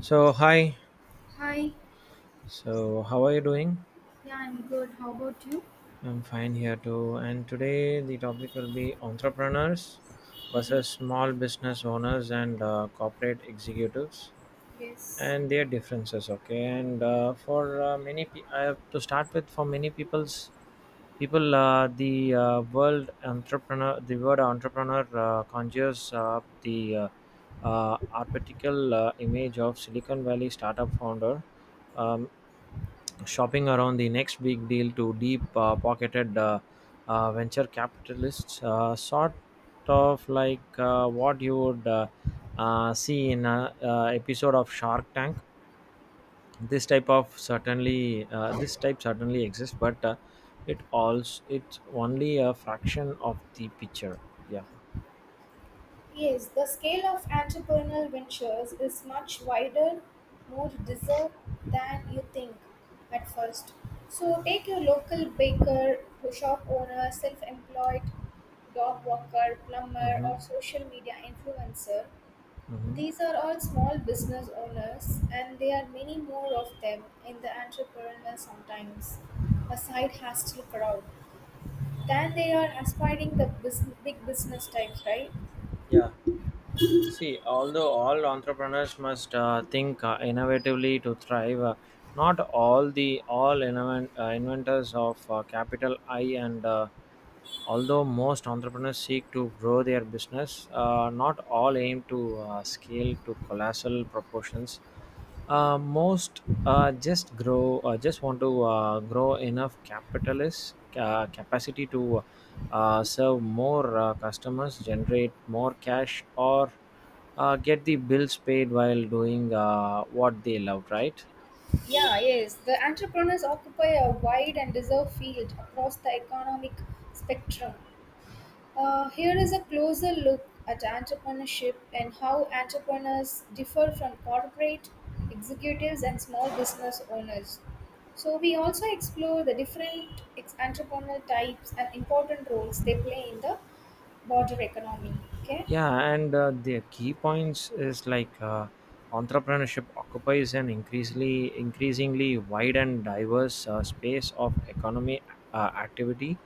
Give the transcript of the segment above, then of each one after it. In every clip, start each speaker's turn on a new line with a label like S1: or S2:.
S1: So hi.
S2: Hi,
S1: So how are you doing?
S2: yeah, I'm good. How about you?
S1: I'm fine here too. And today the topic will be entrepreneurs versus small business owners and corporate executives
S2: Yes.
S1: and their differences. Okay. And for I have to start with for many people. The word entrepreneur conjures up the archetypical image of Silicon Valley startup founder. Um, Shopping around the next big deal to deep pocketed venture capitalists, sort of like what you would see in an episode of Shark Tank. This type certainly exists, but it's only a fraction of the picture. Yeah.
S2: Yes, the scale of entrepreneurial ventures is much wider, more diverse than you think at first. So take your local baker, shop owner, self-employed, dog walker, plumber,
S1: Mm-hmm.
S2: or social media influencer.
S1: Mm-hmm.
S2: These are all small business owners, and there are many more of them in the entrepreneur sometimes. A side hustle crowd. Then they are aspiring big business types, right?
S1: Yeah. See, although all entrepreneurs must think innovatively to thrive, not all the all invent, inventors of capital I. And although most entrepreneurs seek to grow their business, not all aim to scale to colossal proportions. Most just want to grow enough capitalist capacity to serve more customers, generate more cash, or get the bills paid while doing what they love, right?
S2: Yeah, yes. The entrepreneurs occupy a wide and deserved field across the economic spectrum. Here is a closer look at entrepreneurship and how entrepreneurs differ from corporate executives and small business owners. So, we also explore the different entrepreneurial types and important roles they play in the border economy. Okay?
S1: Yeah, and the key points is like entrepreneurship occupies an increasingly wide and diverse space of economy activity,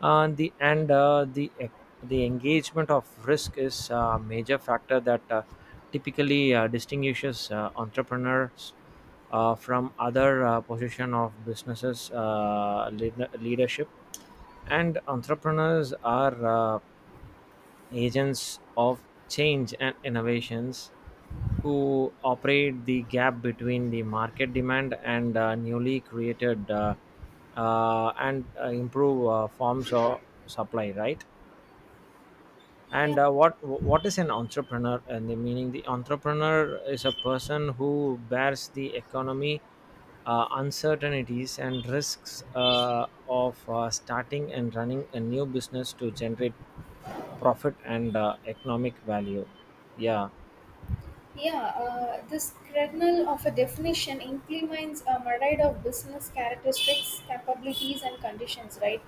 S1: and the engagement of risk is a major factor that typically distinguishes entrepreneurs from other position of businesses leadership, and entrepreneurs are. Agents of change and innovations who operate the gap between the market demand and newly created and improve forms of supply, right?
S2: Yeah.
S1: And what is an entrepreneur? And the meaning, the entrepreneur is a person who bears the economy uncertainties and risks of starting and running a new business to generate profit and economic value. Yeah.
S2: Yeah, this kernel of a definition implements a myriad of business characteristics, capabilities, and conditions, right?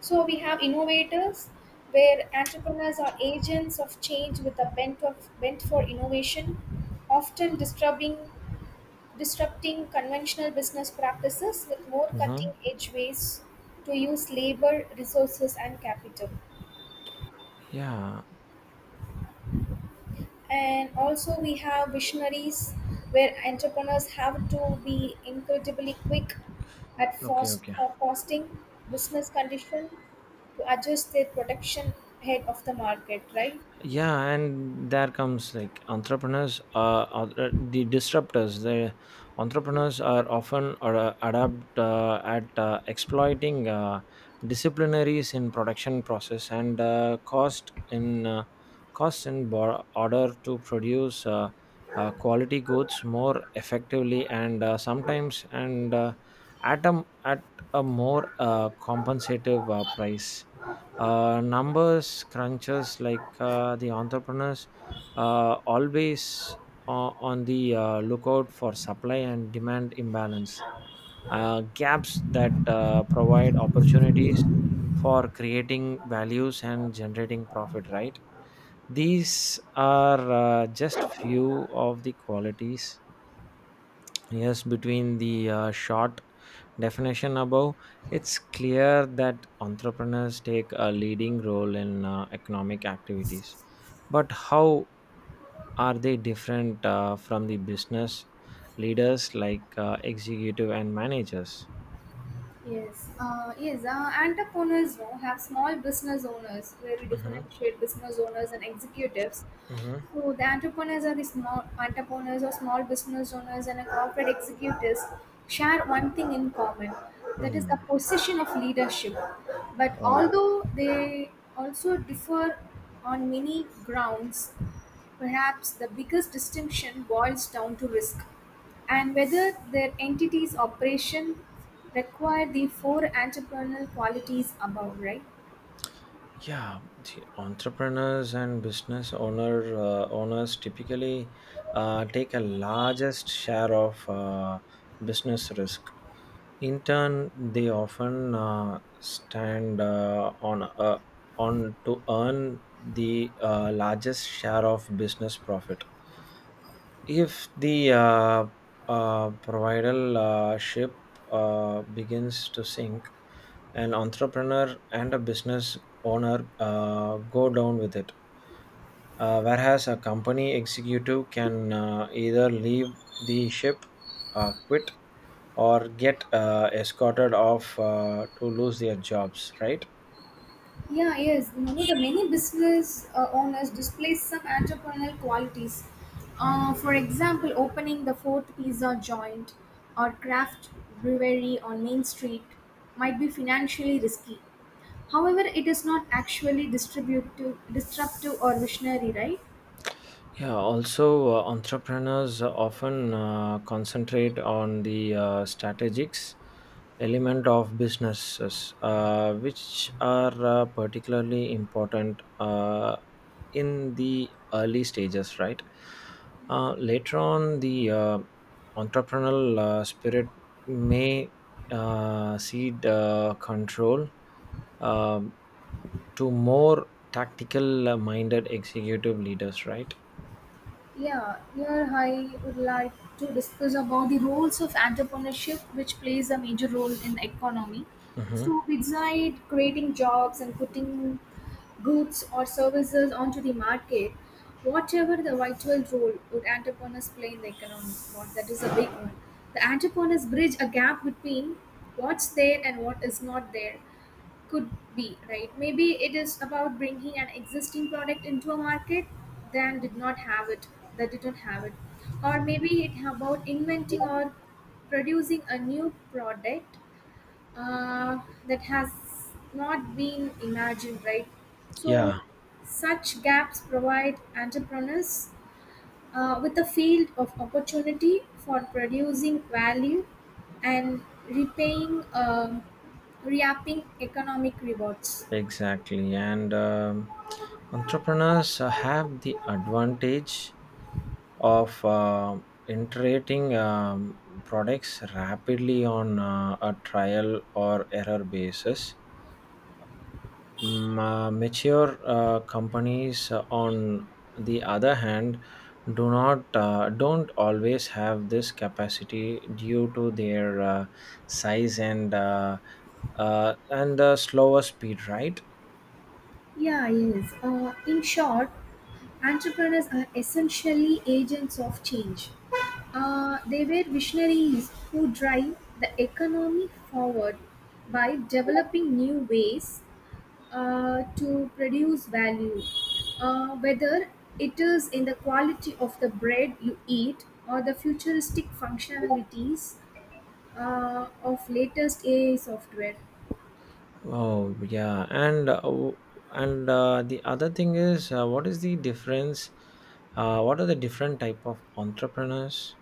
S2: So we have innovators, where entrepreneurs are agents of change with a bent for innovation, often disrupting conventional business practices with more cutting
S1: Mm-hmm.
S2: edge ways to use labor, resources, and capital.
S1: Yeah.
S2: And also we have visionaries where entrepreneurs have to be incredibly quick at
S1: Okay.
S2: fast
S1: Okay.
S2: forecasting business condition to adjust their production ahead of the market, right?
S1: Yeah, and there comes like entrepreneurs are the disruptors. The entrepreneurs are often adapt at exploiting disciplinaries in production process and costs in order to produce quality goods more effectively, and sometimes and at at a more compensative price. Numbers crunchers like the entrepreneurs always on the lookout for supply and demand imbalance gaps that provide opportunities for creating values and generating profit, right? These are just few of the qualities. Yes, between the short definition above, it's clear that entrepreneurs take a leading role in economic activities. But how are they different from the business leaders like executive and managers?
S2: Yes. Entrepreneurs you have small business owners where we
S1: Mm-hmm.
S2: differentiate business owners and executives.
S1: Mm-hmm.
S2: So the entrepreneurs are the small entrepreneurs or small business owners and the corporate executives share one thing in common, that is the
S1: Mm-hmm.
S2: position of leadership. But
S1: Oh.
S2: although they also differ on many grounds, perhaps the biggest distinction boils down to risk, and whether their entity's operation require the four entrepreneurial qualities above, right?
S1: Yeah, the entrepreneurs and business owners typically take a largest share of business risk. In turn, they often stand on to earn the largest share of business profit. If the provider ship begins to sink, an entrepreneur and a business owner go down with it. Whereas a company executive can either leave the ship, quit, or get escorted off to lose their jobs, right?
S2: Yeah, yes. You know, the many business owners display some entrepreneurial qualities. For example, opening the fourth pizza joint or craft brewery on Main Street might be financially risky. However, it is not actually distributive, disruptive, or visionary, right?
S1: Yeah, also entrepreneurs often concentrate on the strategics element of businesses, which are particularly important in the early stages, right? Later on, the entrepreneurial spirit may cede control um to more tactical minded executive leaders, right?
S2: Yeah, here I would like to discuss about the roles of entrepreneurship, which plays a major role in the economy.
S1: Hmm.
S2: So, besides creating jobs and putting goods or services onto the market, whatever the vital role would entrepreneurs play in the economy, what that is a big one. The entrepreneurs bridge a gap between what's there and what is not there could be, right? Maybe it is about bringing an existing product into a market that did not have it, that didn't have it or maybe it about inventing or producing a new product uh, that has not been imagined, right? So
S1: Yeah,
S2: such gaps provide entrepreneurs with a field of opportunity for producing value and repaying reaping economic rewards.
S1: exactly. And entrepreneurs have the advantage of iterating products rapidly on a trial or error basis. Mature companies, on the other hand, do not don't always have this capacity due to their size and slower speed, right?
S2: Yeah, yes. In short, entrepreneurs are essentially agents of change. They were visionaries who drive the economy forward by developing new ways to produce value. Whether it is in the quality of the bread you eat or the futuristic functionalities of latest AI software.
S1: Oh yeah, and the other thing is, what is the difference? What are the different type of entrepreneurs?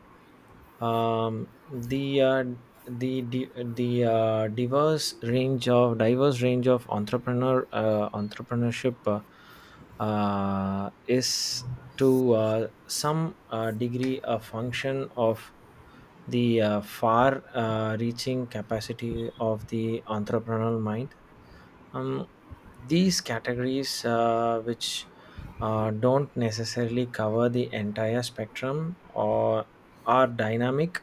S1: The the diverse range of entrepreneurship is to some degree a function of the far reaching capacity of the entrepreneurial mind. Um, these categories, which don't necessarily cover the entire spectrum or are dynamic,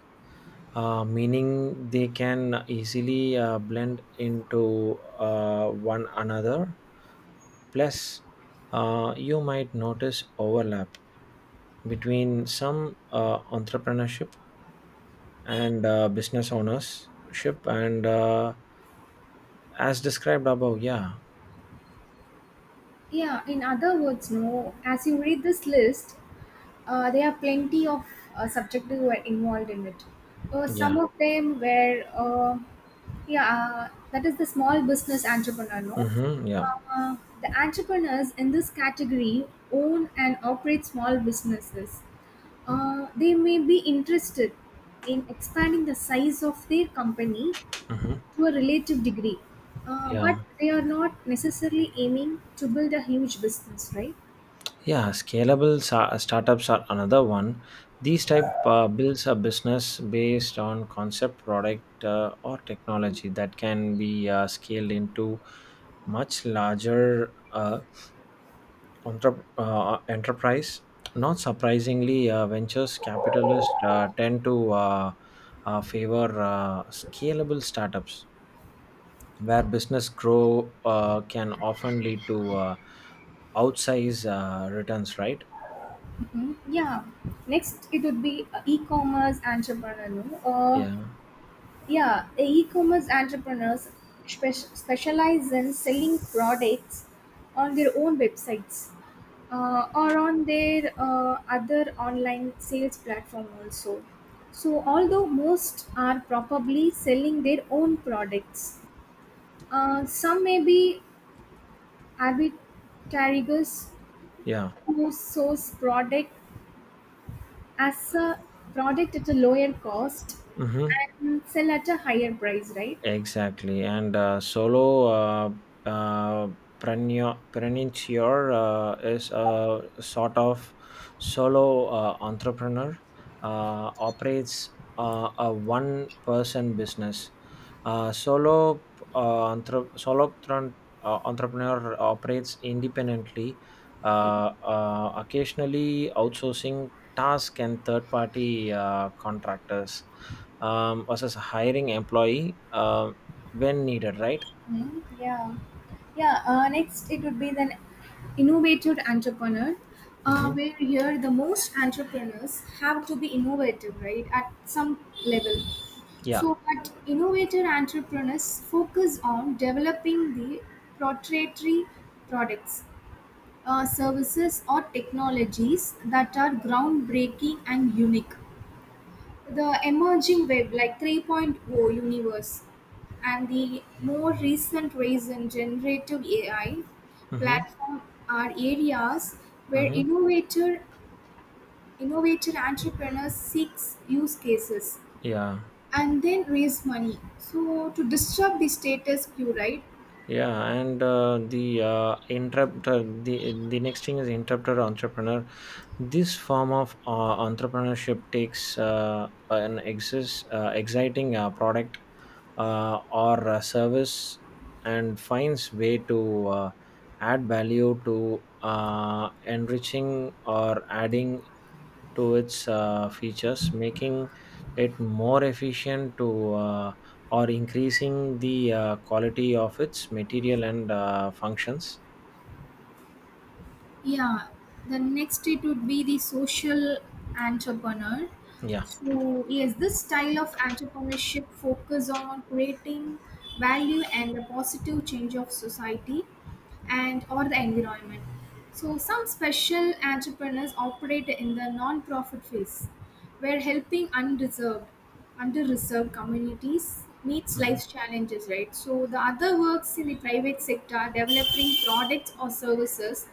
S1: meaning they can easily blend into one another. Plus, you might notice overlap between some entrepreneurship and business ownership, and as described above. Yeah.
S2: Yeah, in other words, no, as you read this list, uh, there are plenty of subjects who were involved in it. Some
S1: Yeah.
S2: of them were, yeah, that is the small business entrepreneur. No,
S1: Mm-hmm. Yeah.
S2: the entrepreneurs in this category own and operate small businesses. They may be interested in expanding the size of their company
S1: Mm-hmm.
S2: to a relative degree,
S1: Yeah.
S2: but they are not necessarily aiming to build a huge business, right?
S1: Yeah, scalable startups are another one. These type builds a business based on concept product or technology that can be scaled into much larger enterprise. Not surprisingly, ventures capitalists tend to favor scalable startups where business grow can often lead to outsize returns, right?
S2: Hmm. Yeah. Next, it would be e-commerce entrepreneur. No?
S1: Yeah,
S2: Yeah, e e-commerce entrepreneurs spec- specialize in selling products on their own websites or on their other online sales platform also. So, although most are probably selling their own products, some may be avid arbitragers
S1: yeah.
S2: who source as a product at a lower cost
S1: Mm-hmm.
S2: and sell at a higher price, right?
S1: Exactly. And solo uh, preneur, is a sort of solo entrepreneur, operates a one person business. Solo solopreneur entrepreneur operates independently, occasionally outsourcing tasks and third party contractors, versus hiring employee when needed, right?
S2: Hmm. Yeah. Yeah. Next, it would be the innovative entrepreneur,
S1: Mm-hmm.
S2: where here the most entrepreneurs have to be innovative, right, at some level.
S1: Yeah.
S2: So, but innovative entrepreneurs focus on developing the proprietary products, services, or technologies that are groundbreaking and unique. The emerging web like 3.0 universe and the more recent rise in generative AI
S1: Mm-hmm.
S2: platform are areas where
S1: Mm-hmm.
S2: innovator entrepreneurs seeks use cases
S1: Yeah.
S2: and then raise money so to disrupt the status quo, right?
S1: Yeah, and the next thing is interrupted entrepreneur. This form of entrepreneurship takes an exciting product or service and finds way to add value to enriching or adding to its features, making it more efficient to. Or increasing the quality of its material and functions.
S2: Yeah, the next it would be the social entrepreneur.
S1: Yeah.
S2: So yes, this style of entrepreneurship focus on creating value and a positive change of society and or the environment. So some special entrepreneurs operate in the non-profit phase, where helping undeserved, under-reserved communities meets
S1: Mhm.
S2: life's challenges, right? So the other works in the private sector, developing products or services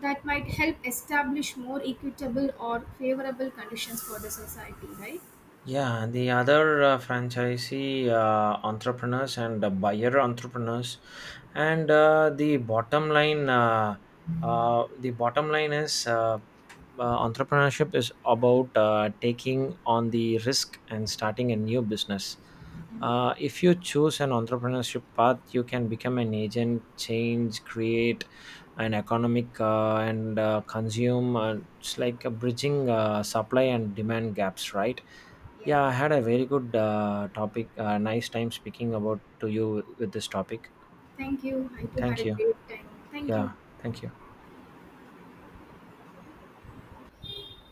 S2: that might help establish more equitable or favorable conditions for the society, right?
S1: Yeah, the other franchisee entrepreneurs and buyer entrepreneurs, and the bottom line is entrepreneurship is about taking on the risk and starting a new business. If you choose an entrepreneurship path, you can become an agent, change, create an economic and consume. It's like a bridging supply and demand gaps, right?
S2: Yeah.
S1: Yeah, I had a very good topic. Nice time speaking about to you with this topic.
S2: Thank you. I too had a
S1: Thank you.
S2: great time. Thank you.
S1: Yeah, thank you.